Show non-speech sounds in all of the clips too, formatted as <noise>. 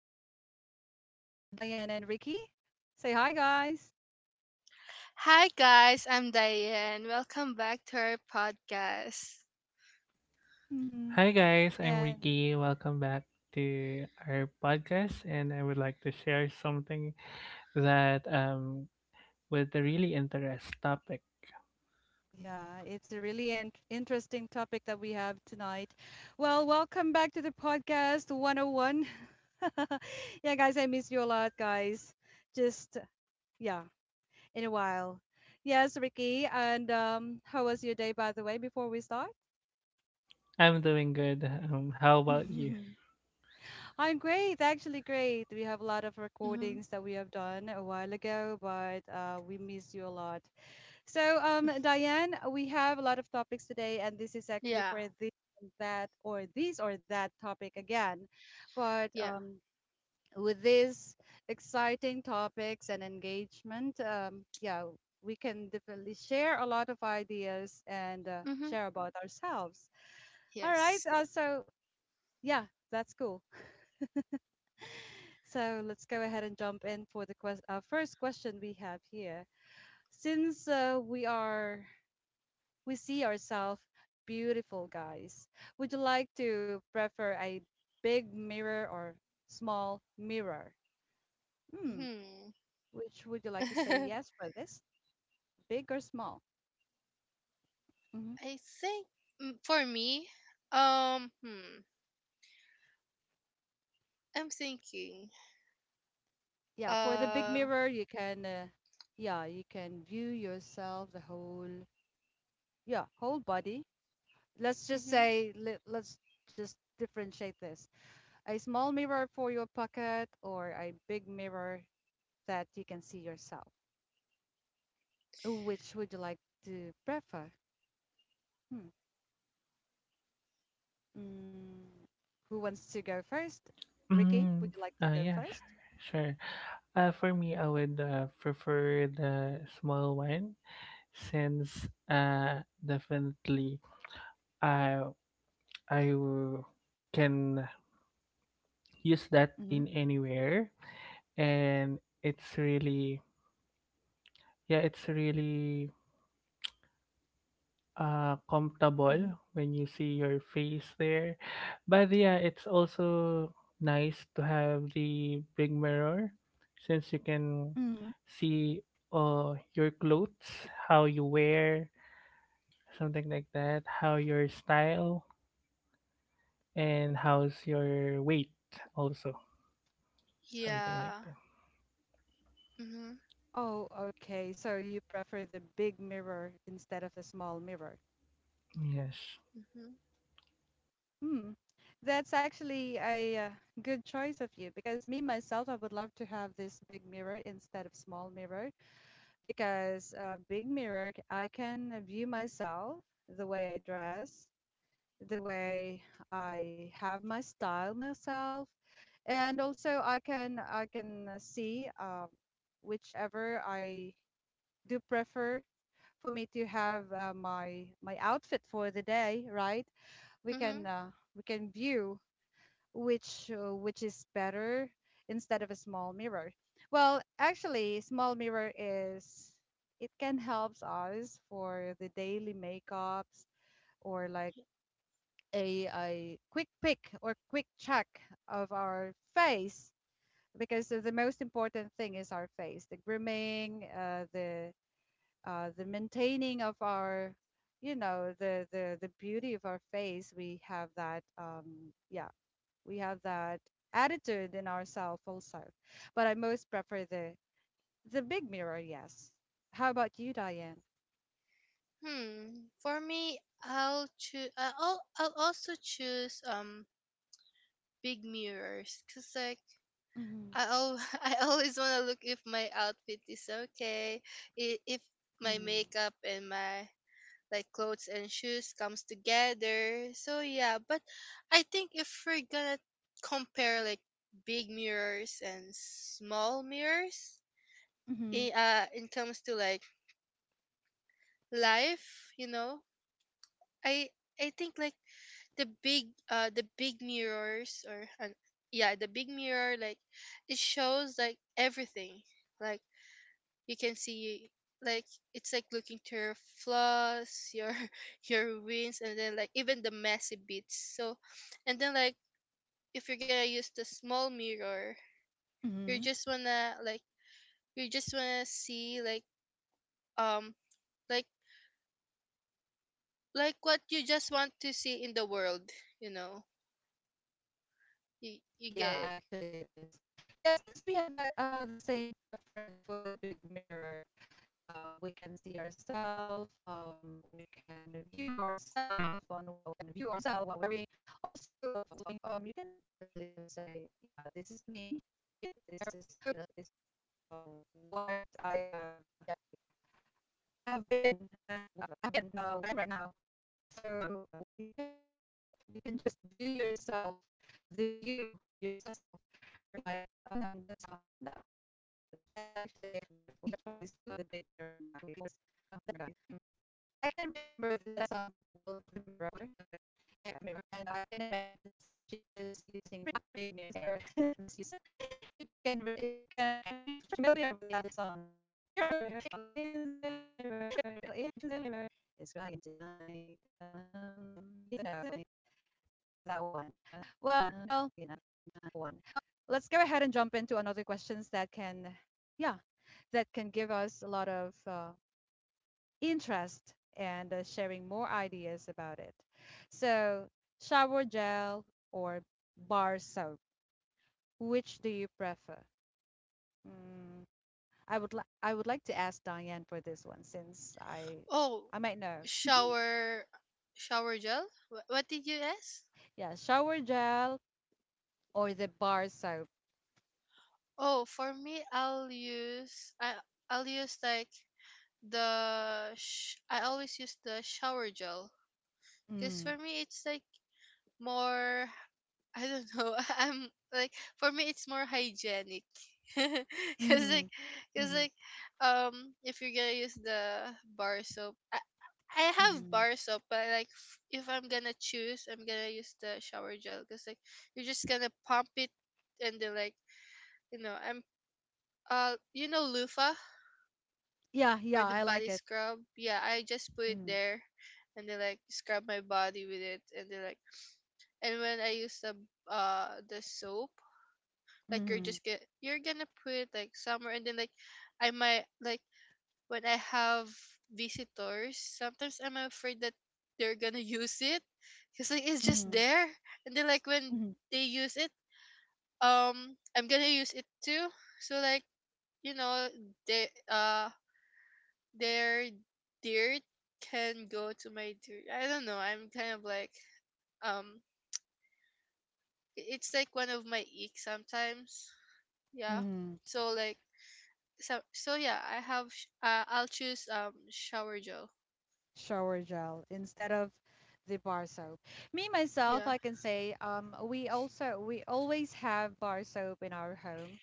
together with me, Diane and Ricky. Say hi, guys. Hi guys, I'm Diane. Welcome back to our podcast. hmm Hi guys, I'm And Ricky. Welcome back to our podcast, and I would like to share something that with a really interest topic. yeah, it's a really interesting topic that we have tonight. Well, welcome back to the podcast 101. <laughs> Yeah, guys, I miss you a lot, guys. Just, yeah, in a while. Yes, Ricky. And how was your day, by the way, before we start? I'm doing good. How about you? <laughs> I'm great, actually great. We have a lot of hmm recordings that we have done a while ago, but we miss you a lot. So, Diane, we have a lot of topics today, and this is actually Yeah, for this, and that, or this or that topic again. But yeah. With these exciting topics and engagement, we can definitely share a lot of ideas and hmm share about ourselves. All right. Yes. Yeah, that's cool. So let's go ahead and jump in for the first question we have here. Since we see ourselves beautiful guys, would you like to prefer a big mirror or small mirror? Hmm. Hmm. Which would you <laughs> like to say I yes for this? Big or small? hmm think for me, um, hmm, I'm thinking. Yeah, for the big Uh. mirror, you can yeah, you can view yourself the whole yeah, whole body. Hmm Let's just differentiate this. A small mirror for your pocket or a big mirror that you can see yourself. Which would you like to prefer? Hmm. Mm, who wants to go first? Ricky, Mm, would you like to go yeah, sure, 1st? sure. For me, I would prefer the small one since definitely, uh, I w- can use that in Mm-hmm. anywhere, and it's really, yeah it's really Mm-hmm. comfortable when you see your face there, but yeah, it's also nice to have the big mirror since you can Mm-hmm. see your clothes, how you wear, something like that, how your style, and how's your weight also, something like Yeah. that. hmm Oh, okay. So you prefer the big mirror instead of the small mirror. Yes. hmm Hmm. That's actually a good choice of you because me myself, I would love to have this big mirror instead of small mirror because big mirror I can view myself, the way I dress, the way I have my style myself, and also I can see, whichever I do prefer for me to have, my outfit for the day, right? We hmm can we can view which is better instead of a small mirror. Well, actually, small mirror is it can helps us for the daily makeups, or like a quick pick or quick check of our face, because the most important thing is our face, the grooming, the maintaining of our, you know, the beauty of our face. We have that, yeah we have that attitude in ourselves also. But I most prefer the big mirror, yes. How about you, Diane? Hmm. For me, I'll also choose big mirrors, cause like Mm-hmm. I al- <laughs> I always want to look if my outfit is okay, if my Mm-hmm. makeup and my like clothes and shoes comes together. So yeah, but I think if we're gonna compare like big mirrors and small mirrors, Mm-hmm. In comes to like life, I I think like the big mirrors or yeah the big mirror like it shows like everything, like you can see, like it's like looking to your flaws, your <laughs> your wins, and then like even the messy bits. So and then like if you're gonna use the small mirror, you Mm-hmm. just wanna like you just wanna see like um like like what you just want to see in the world, you know, Yeah, you get it. actually it is. Yeah, since we have a, the same preference for the big mirror, yeah, we can see ourselves. We can view ourselves on what we are wearing. Also, you can definitely just say, yeah, this is me. This is uh, what I have, I have been, and what I am right now. So you can uh, you can just view yourself, the you yourself, right? And that, that's actually a wonderful choice for the big mirror, guys. Hmm. I can remember the song "The Girl in the Mirror," and I can imagine she is using big mirror. <laughs> If you can, if you can, if you're familiar with that song, there's a girl in the mirror is crying tonight. You know that one. Well, let's go ahead and jump into another questions that yeah, that can give us a lot of interest and sharing more ideas about it. So, shower gel or bar soap, which do you prefer? Mm, I would like to ask Diane for this one since oh I might know. <laughs> shower shower gel. What did you ask? Yeah, shower gel or the bar soap. Oh for me, I'll use I I'll use like the sh- I always use the shower gel, because Mm, for me it's like more, <laughs> I don't know, <laughs> I'm like for me it's more hygienic <laughs> because mm-hmm, like because mm-hmm, like um if you're gonna use the bar soap, I have mm-hmm. bar soap, but like if I'm gonna choose, I'm gonna use the shower gel because like you're just gonna pump it, and then like you know I'm you know, loofah Yeah, yeah, or the I like body it. scrub. Yeah, I just put it Mm, there and they like scrub my body with it and they like, and when I use the soap, like you're mm-hmm, just get you're gonna put it like somewhere, and then like I might like when I have visitors, sometimes I'm afraid that they're gonna use it because like it's just mm-hmm, there, and then like when mm-hmm, they use it, I'm gonna use it too, so like, you know, they their dirt can go to my dirt. I don't know. I'm kind of like, um, I- it's like one of my ick sometimes. Yeah. mm-hmm. So like, yeah, I'll choose shower gel. Shower gel instead of the bar soap. Me myself, Yeah. I can say, we also we always have bar soap in our home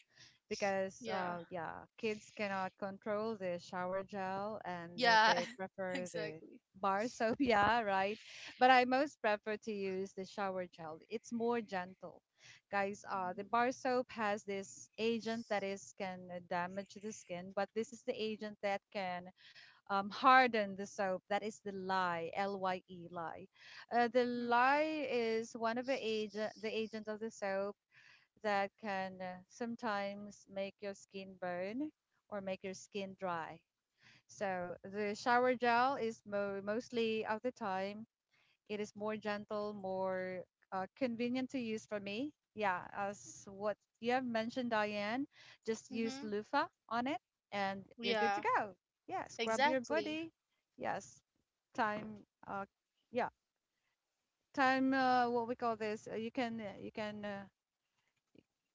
because Yeah. Yeah, kids cannot control the shower gel and Yeah. they <laughs> prefer the Exactly. bar soap. <laughs> Yeah, right. But I most prefer to use the shower gel. It's more gentle, guys. The Mhm. bar soap has this agent that is can damage the skin, but this is the agent that can harden the soap. That is the lye, L Y E lye. The lye is one of the agent of the soap that can sometimes make your skin burn or make your skin dry. So the shower gel is mostly of the time it is more gentle, more convenient to use for me. Yeah, as what you have mentioned, Diane, just Mhm. use Mhm. loofah on it and you're good to Yeah. go. Yeah, scrub your Exactly. body. Yes, time. Yeah, time. What we call this?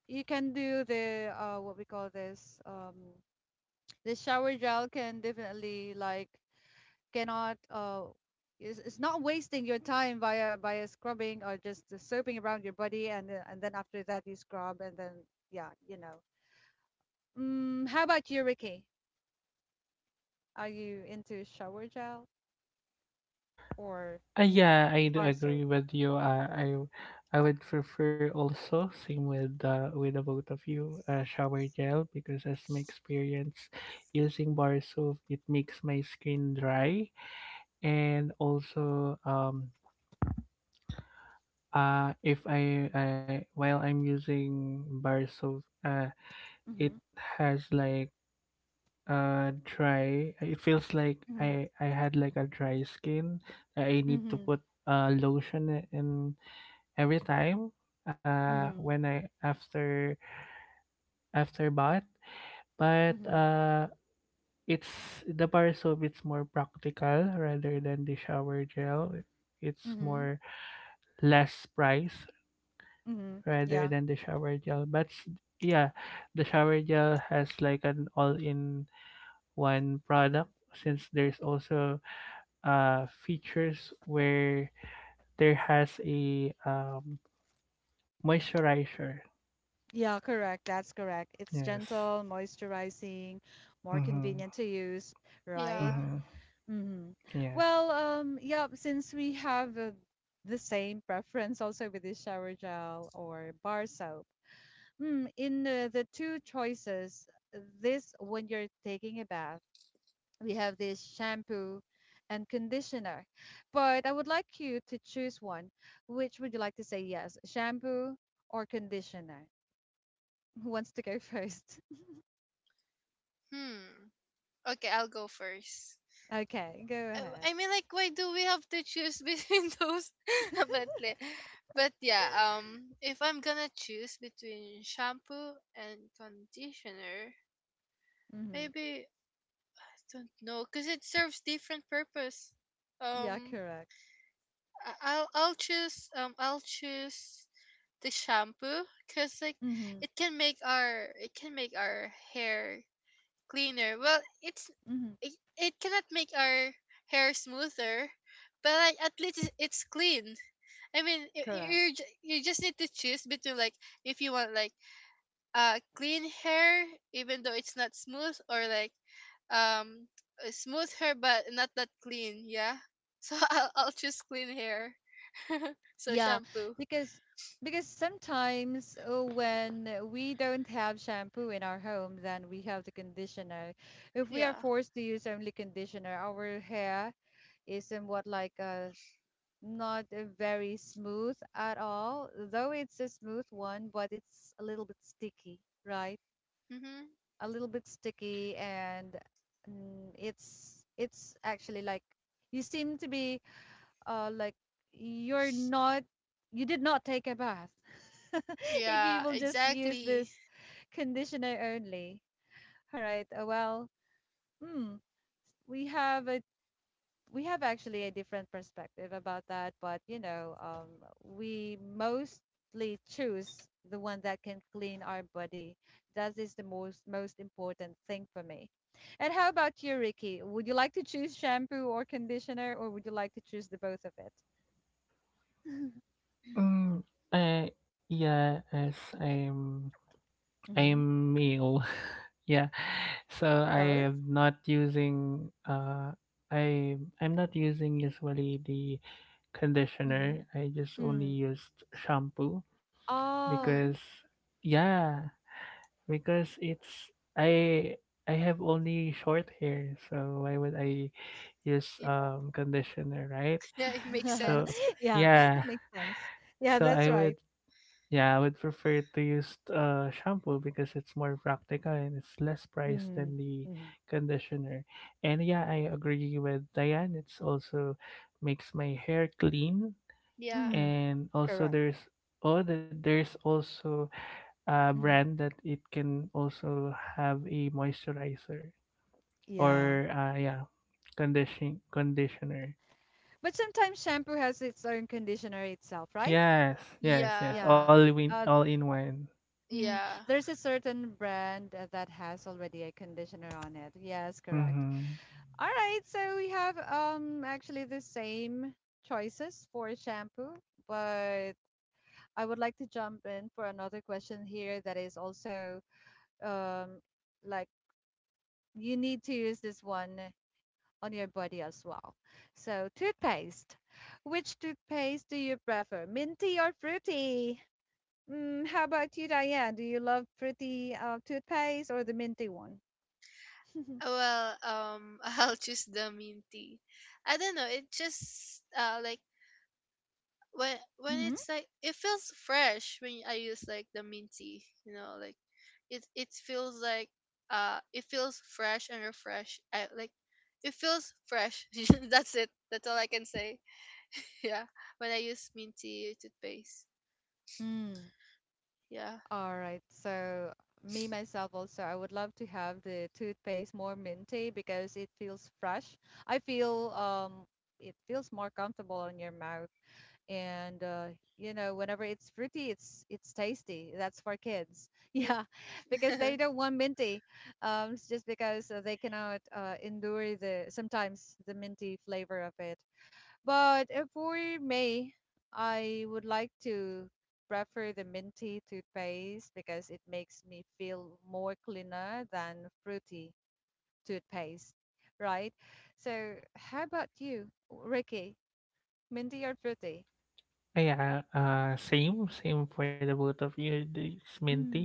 You can do the, what we call this. The shower gel can definitely like cannot is it's not wasting your time via scrubbing or just soaping around your body, and then after that you scrub and then, yeah, you know. Mm, how about you, Ricky, are you into shower gel or Yeah, I do bar agree soap? with you. I would prefer also, same with the both of you, shower gel, because as my experience using bar soap, it makes my skin dry. And also if I, I while I'm using bar soap, it Mm-hmm, has like dry it feels like I had like a dry skin. I need to mm-hmm, put lotion and every time mm-hmm, when I after after bath. But mm-hmm, it's The bar soap, it's more practical rather than the shower gel. It's mm-hmm, mm-hmm, more, less price mm-hmm. rather than Yeah, the shower gel, yeah, the shower gel has like an all-in one product, since there's also features where there has a moisturizer. yeah, correct. That's correct. It's Yes. gentle, moisturizing, more Mm-hmm. convenient to use, right? Yeah. Mm-hmm. Mm-hmm. Yeah. Well, yeah, since we have the same preference also with this shower gel or bar soap, mm, in the two choices, this, when you're taking a bath, we have this shampoo and conditioner. But I would like you to choose one. Which would you like to say yes, shampoo or conditioner? Who wants to go first? <laughs> Hmm. Okay, I'll go first. Okay, go ahead. I mean, like, why do we have to choose between <laughs> those? <laughs> But, like, but yeah, if I'm gonna choose between shampoo and conditioner, Mm-hmm. maybe I don't know, cause it serves different purpose. Yeah, Um, correct. I'll choose the shampoo, cause like Mm-hmm. It can make our hair cleaner. Well, Mm-hmm. it, it cannot make our hair smoother, but like at least it's clean. I mean, Correct. You just need to choose between like if you want like clean hair even though it's not smooth, or like um smooth hair but not that clean. Yeah, so <laughs> I'll choose clean hair. <laughs> So Yeah, shampoo. because sometimes, when we don't have shampoo in our home, then we have the conditioner. If we are Yeah. forced to use only conditioner, our hair is somewhat like, not very smooth at all. Though it's a smooth one, but it's a little bit sticky, right? Mm-hmm. A little bit sticky, and, mm, it's actually like you seem to be, like you're not, you did not take a bath <laughs> if you Yeah, will just use exactly. this conditioner only. All right. Well, hmm, we have a we have actually a different perspective about that, but you know, we mostly choose the one that can clean our body. That is the most important thing for me. And how about you, Ricky, would you like to choose shampoo or conditioner, or would you like to choose the both of it? Mm, uh, yeah, as I'm hmm I'm male. <laughs> Yeah. So Both. I am not using I I'm not using, usually, the Mhm. conditioner. I just only Mm. used shampoo because Oh. Mm-hmm. yeah, because it's, I have only short hair, so why would I use Yeah. Conditioner, right? <laughs> Yeah, it makes So sense. <laughs> Yeah, it yeah. <laughs> makes. Yeah, So that's I right. would Yeah, I would prefer to use shampoo because it's more practical and it's less price Mm-hmm. than the Mm-hmm. conditioner. And yeah, I agree with Diane. It's also makes my hair clean. Yeah. Mm-hmm. And also Correct. there's oh that there's also a Mm-hmm. brand that it can also have a moisturizer, Yeah. or yeah, conditioner. But sometimes shampoo has its own conditioner itself, right? Yes, yes, Yeah. yes. Yeah. Uh, All in one. mm, Yeah. there's a certain brand, that has already a conditioner on it. Yes, correct. Mhm. All right, so we have, actually, the same choices for shampoo, but I would like to jump in for another question here that is also, um, like, you need to use this one on your body as well. So, toothpaste. Which toothpaste do you prefer, minty or fruity? Mm, how about you, Diane? Do you love fruity, toothpaste or the minty one? <laughs> Well, <laughs> I'll choose the mint tea. I don't know. It just like when Mm-hmm. it's like, it feels fresh when I use like the mint tea. You know, like it feels like, it feels fresh and refresh. I like, it feels fresh. <laughs> That's it. That's all I can say. <laughs> Yeah, when I use mint tea toothpaste. Mm. Yeah. All right. So me myself also, I would love to have the toothpaste more minty because it feels fresh. I feel, it feels more comfortable on your mouth. And you know, whenever it's fruity, it's tasty. That's for kids. <laughs> Yeah, because they <laughs> don't want minty. It's just because, they cannot, endure the sometimes the minty flavor of it. But if we may, I would like to prefer the minty toothpaste because it makes me feel more cleaner than fruity toothpaste, right? So, how about you, Ricky? Minty or fruity? Yeah, same, same for the both of you. It's minty. Mm,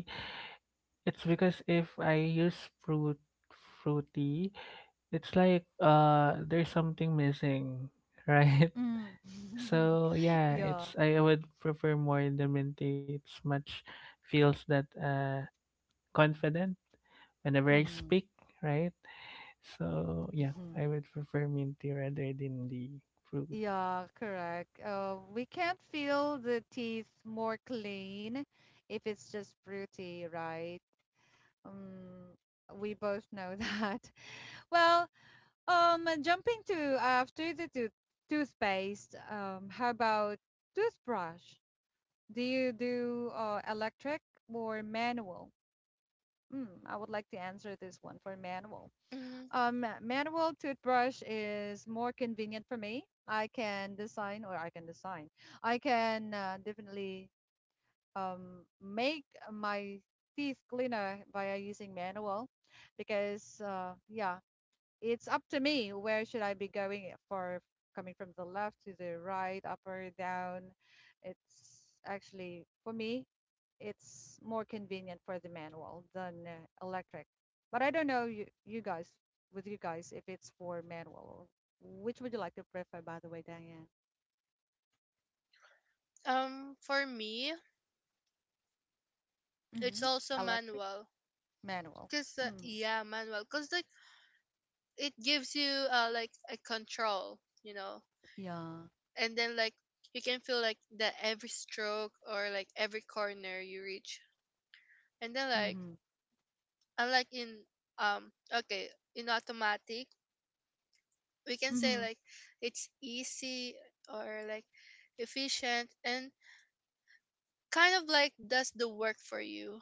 It's because if I fruity, it's like, there's something missing, <laughs> right? mm. So <laughs> yeah, Yeah. it's I would prefer more the minty. It's much feels that confident whenever I Mhm, speak, right? So yeah, mhm. I would prefer minty rather than the fruity. Yeah, correct. We can't feel the teeth more clean if it's just fruity, right? Um, we both know that. <laughs> Well, jumping to after the toothpaste, how about toothbrush? Do you do, electric or manual? Mm, I would like to answer this one for manual. mm, Manual toothbrush is more convenient for me. I can design. I can, definitely, make my teeth cleaner via using manual because, yeah, it's up to me where should I be going for, coming from the left to the right, up or down. It's actually for me, it's more convenient for the manual than, electric. But I don't know you, you guys with you guys, if it's for manual, which would you like to prefer, by the way, Diane? For me, it's hmm also electric manual. manual. Mm. Manual. Cause like it gives you like a control, you know, Yeah. and then like you can feel like that every stroke or like every corner you reach, and then like Mm-hmm. unlike in, okay, in automatic, we can say Mm-hmm. like it's easy or like efficient and kind of like does the work for you,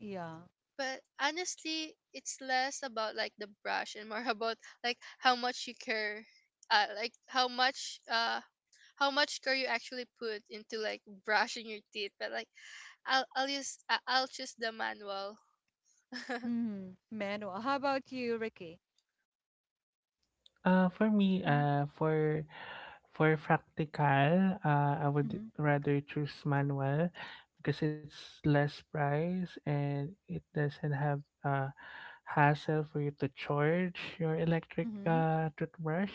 Yeah. but honestly it's less about like the brush and more <laughs> about like how much you care, uh, like how much uh how much care you actually put into like brushing your teeth. But like I'll choose the manual. <laughs> Mm-hmm. Manual. How about you, Ricky? For me, Mm-hmm. For practical, I would Mm-hmm. rather choose manual because it's less price and it doesn't have uh hassle for you to charge your electric Mm-hmm. Toothbrush.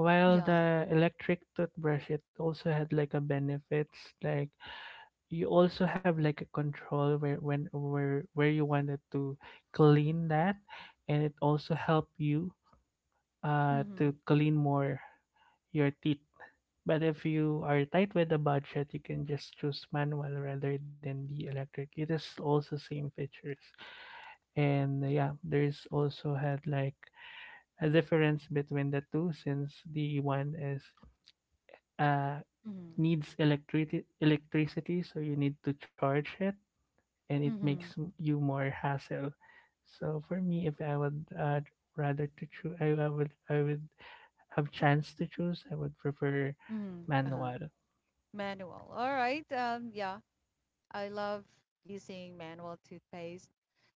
While Yeah. the electric toothbrush, it also had like a benefits, like you also have like a control where when where you wanted to clean that, and it also help you to Mm-hmm. clean more your teeth. But if you are tight with the budget, you can just choose manual rather than the electric. It is also same features. And yeah, there's also had like a difference between the two, since the one is uh Mm-hmm. needs electricity, so you need to charge it and it makes Mm-hmm. You more hassle. So for me, if I would, rather to choose, I would have chance to choose, I would prefer Mm-hmm. Uh-huh. manual. Manual. All right. Yeah. I love using manual toothpaste.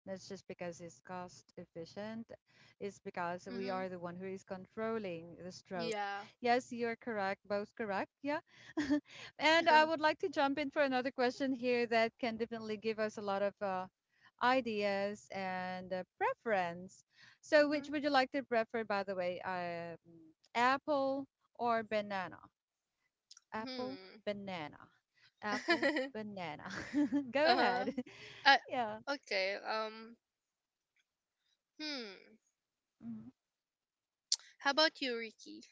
That's just because it's cost efficient. It's because we hmm are the one who is controlling the stroke. Yeah. Yes, you're correct. Both correct. Yeah. <laughs> And I <laughs> would like to jump in for another question here that can definitely give us a lot of ideas, and preference. So, hmm which would you like to prefer, by the way? Apple or banana? Apple, Hmm. banana. Apple, <laughs> banana. <laughs> Go Uh-huh. ahead. <laughs> Uh, Yeah. okay. Hmm. Mhm. How about you, Ricky?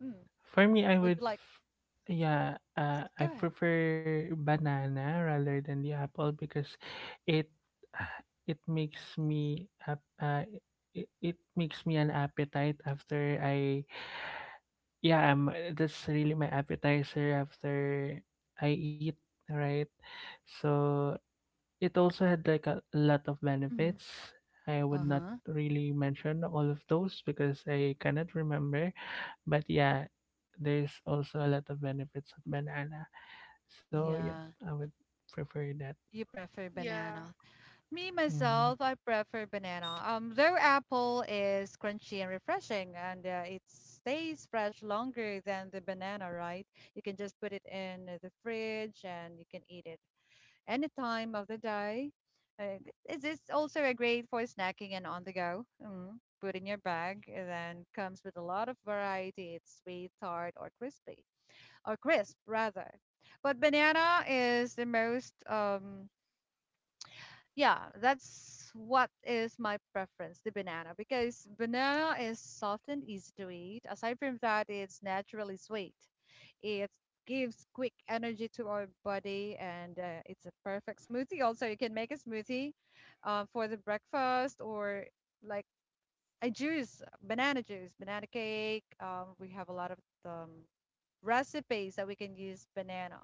mm For me, I Would would, you like? f- Yeah, Go I ahead. prefer banana rather than the apple because it <sighs> it makes me ap- uh, it makes me an appetite after I yeah that's really my appetizer after I eat, right? So it also had like a lot of hmm benefits. I would not Uh-huh. really mention all of those because I cannot remember. But yeah, there's also a lot of benefits of banana. So yeah, Yeah. I would prefer that. You prefer Yeah. banana. Me Mhm. myself, I prefer banana. Though apple is crunchy and refreshing, and it stays fresh longer than the banana, right? You can just put it in the fridge and you can eat it any time of the day. Uh, is this also a great for snacking and on the go? Mm, put in your bag, and then comes with a lot of variety. It's sweet, tart, or crispy, or crisp rather. But banana is the most yeah, that's what is my preference, the banana, because banana is soft and easy to eat. Aside from that, it's naturally sweet. It gives quick energy to our body, and it's a perfect smoothie. Also, you can make a smoothie for the breakfast or like I juice, banana cake. Um, we have a lot of um, recipes that we can use banana.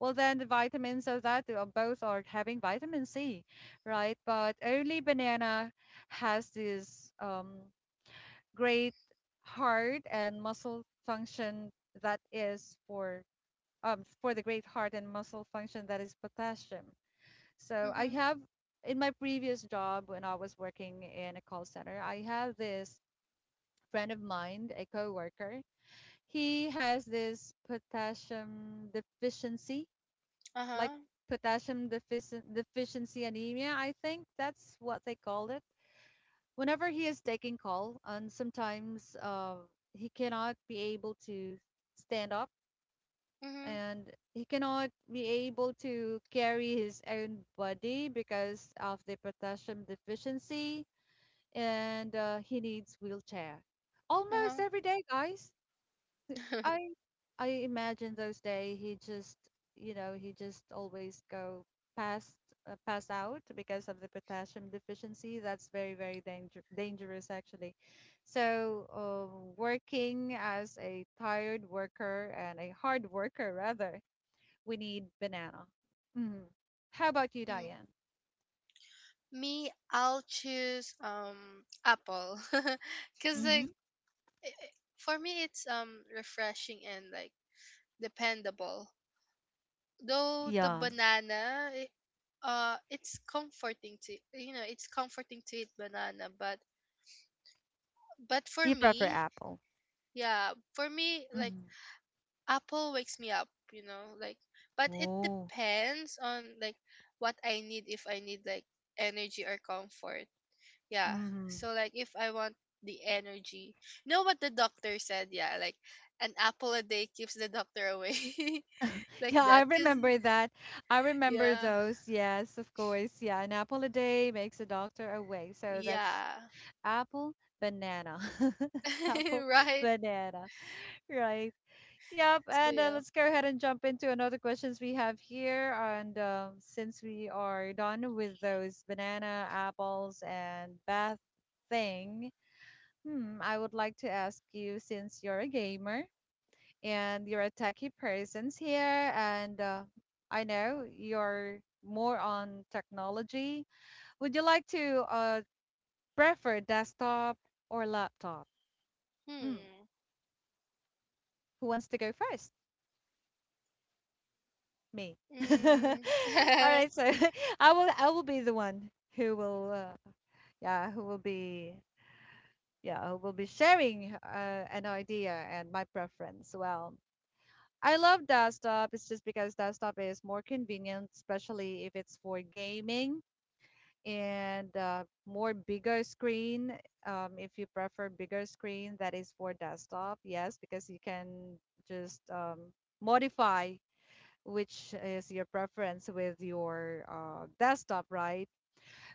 Well, then the vitamins of that both are having vitamin C, right? But only banana has this great heart and muscle function that is for the great heart and muscle function that is potassium. So I Mhm. have in my previous job when I was working in a call center, I have this friend of mine, a coworker. He has this potassium deficiency, Uh like huh. Deficiency anemia, I think that's what they called it. Whenever he is taking call, and sometimes he cannot be able to stand up Mhm. and he cannot be able to carry his own body because of the potassium deficiency and he needs wheelchair almost Uh every day guys. huh. <laughs> I I imagine those day he just you know he just always go past pass out because of the potassium deficiency. That's very dangerous actually. So working as a tired worker and a hard worker rather, we need banana. hmm How about you, Mm, Diane? Me, I'll choose apple, <laughs> cause Mm-hmm. like, i- i- for me it's refreshing and like dependable. Though the Yeah, banana, it's comforting to, you know, it's comforting to eat banana, but for you prefer me, apple. yeah, for me like Mm-hmm. apple wakes me up, you know, like but it Oh. depends on like what I need, if I need like energy or comfort. Yeah. Mm-hmm. So like if I want the energy. You know what the doctor said? Yeah, like an apple a day keeps the doctor away. <laughs> Like Yeah, I that. 'Cause remember that. I remember yeah. those. Yes, of course. Yeah, an apple a day makes a doctor away. So that's Yeah. apple, banana. <laughs> Apple, <laughs> Right. banana. Right. Yep. So And yeah. let's go ahead and jump into another questions we have here. And since we are done with those banana, apples, and bath thing, hmm, I would like to ask you since you're a gamer and you're a techie persons here and I know you're more on technology. Would you like to prefer desktop or laptop? Mm. Hmm. Who wants to go first? Me. <laughs> All Mm. right, so <laughs> <laughs> I will be the one who will yeah who will be yeah who will be sharing an idea and my preference. Well, I love desktop. It's just because desktop is more convenient, especially if it's for gaming and more bigger screen. If you prefer bigger screen that is for desktop, yes, because you can just modify which is your preference with your desktop, right?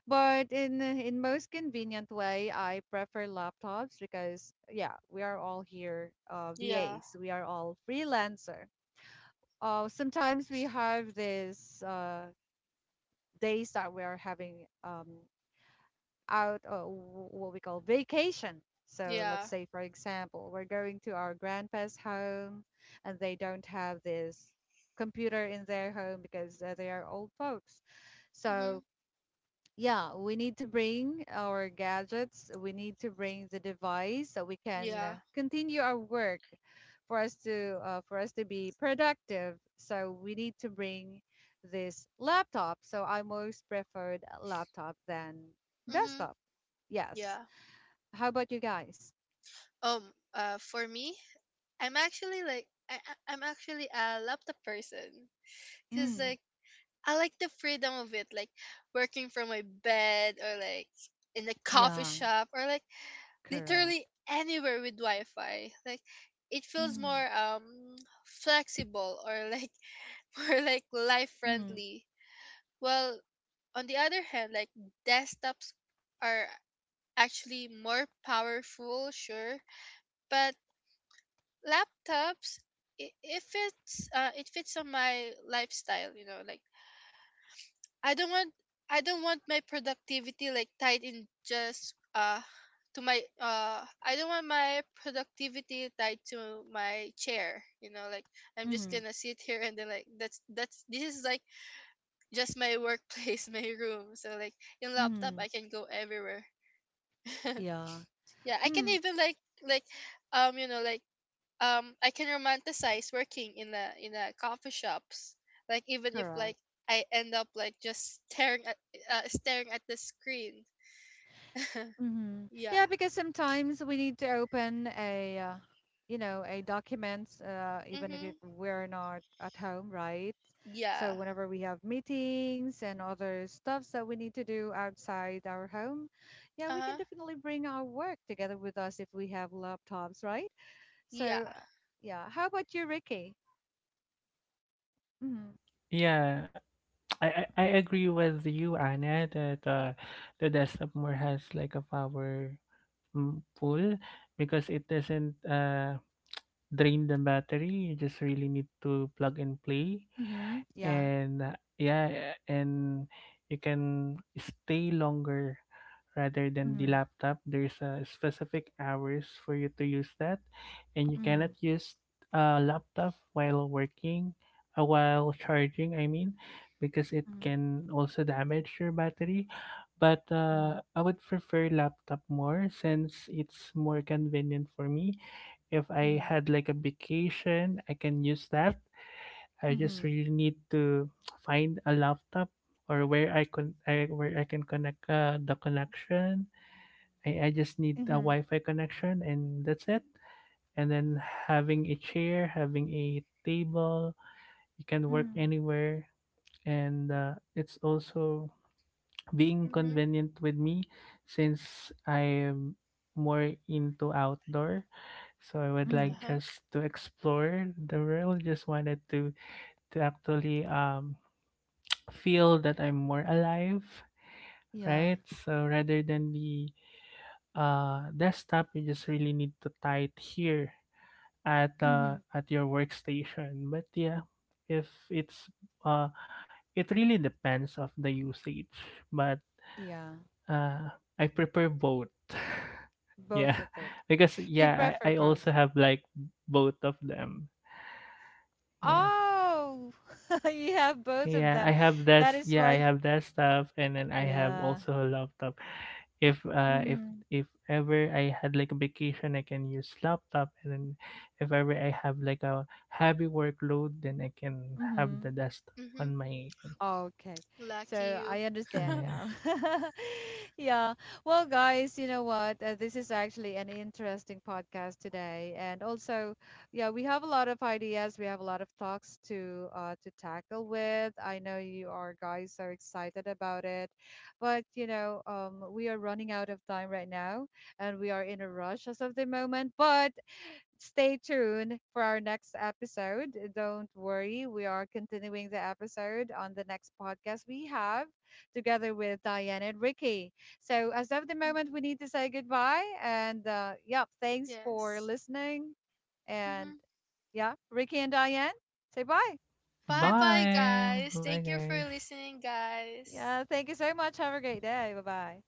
But in most convenient way I prefer laptops because yeah we are all here Yeah. vas we are all freelancer. Sometimes we have this days that we are having um, out what we call vacation. So let's Yeah. say, for example, we're going to our grandpa's home and they don't have this computer in their home because they are old folks. So Mhm. yeah, we need to bring our gadgets. We need to bring the device so we can Yeah. continue our work for us to be productive. So we need to bring this laptop. So I most preferred a laptop than Mhm. desktop. Yes. Yeah. How about you guys? Um, for me, I'm actually a laptop person, because Mm. like I like the freedom of it, like working from my bed or like in a coffee Yeah, shop or like correct. literally anywhere with Wi-Fi. Like it feels Mm. more, flexible, or like <laughs> more like life Mm. friendly. Well, on the other hand, like desktops are actually more powerful, sure, but laptops, if it fits on my lifestyle, you know, like i don't want I don't want my productivity like tied in, just to my I don't want my productivity tied to my chair, you know, like I'm just Mm. gonna sit here, and then like that's this is like just my workplace, <laughs> my room. So like in laptop Mm. I can go everywhere. <laughs> Yeah. Yeah, I can Mm. even like, um you know like I can romanticize working in a coffee shops, like even if Correct. like I end up like just staring at, staring at the screen. Mhm. Yeah. Yeah, because sometimes we need to open a, you know, a documents, even if it, Mhm. we're not at home, right? So Yeah. whenever we have meetings and other stuffs that we need to do outside our home, yeah, we can Uh-huh. definitely bring our work together with us if we have laptops, right? Yeah. So, yeah. How about you, Ricky? Mhm. Yeah, I agree with you, Anna, that the desktop more has like a pool, because it doesn't drain the battery. You just really need to plug and play, Mhm. Yeah. and yeah, and you can stay longer rather than the Mhm. laptop. There's a specific hours for you to use that, and you cannot Mhm. use a laptop while working, while charging, I mean, because it can also damage your battery. But Mhm. I would prefer laptop more, since it's more convenient for me. If I Mhm. had like a vacation, I can use that. I just Mhm. really need to find a laptop, or where I can, where I can connect the connection. I just need Mhm. a Mhm. Wi-Fi connection and that's it. And then having a chair, having a table, you can work Mhm. anywhere. And it's also being Mhm. convenient with me since I am more into outdoor. So I would like Mhm. Uh-huh. just to explore the world. Just wanted to actually feel that I'm more alive, Yeah. right? So rather than the desktop, you just really need to tie it here Mm-hmm. at your workstation. But yeah, if it's, uh, it really depends of the usage. But Yeah, uh, I prefer both. <laughs> both Yeah, of it. because You yeah, prefer I both. also have like both of them. Yeah. Oh, <laughs> you have both of Yeah, I them. have That desk. is Yeah, I why. have that stuff, and then I have Yeah. also a laptop. If uh, if Mm, if ever I had like a vacation, I can use laptop, and then if ever I have like a heavy workload, then I can have mm-hmm. the desktop on Mhm. my end. Oh, okay, Lucky so you. I <laughs> understand Yeah. now. <laughs> Yeah. Well, guys, you know what? This is actually an interesting podcast today, and also, yeah, we have a lot of ideas. We have a lot of talks to tackle with. I know you are guys so excited about it, but you know, we are running out of time right now, and we are in a rush as of the moment. But stay tuned for our next episode. Don't worry, we are continuing the episode on the next podcast we have together with Diane and Ricky. So, as of the moment, Mhm. we need to say goodbye. And yep, thanks for Yes. listening. And Mhm. yeah, Ricky and Diane, say bye. Bye bye Bye. guys, Bye, thank you for guys. listening guys. Yeah, thank you so much. Have a great day. Bye bye.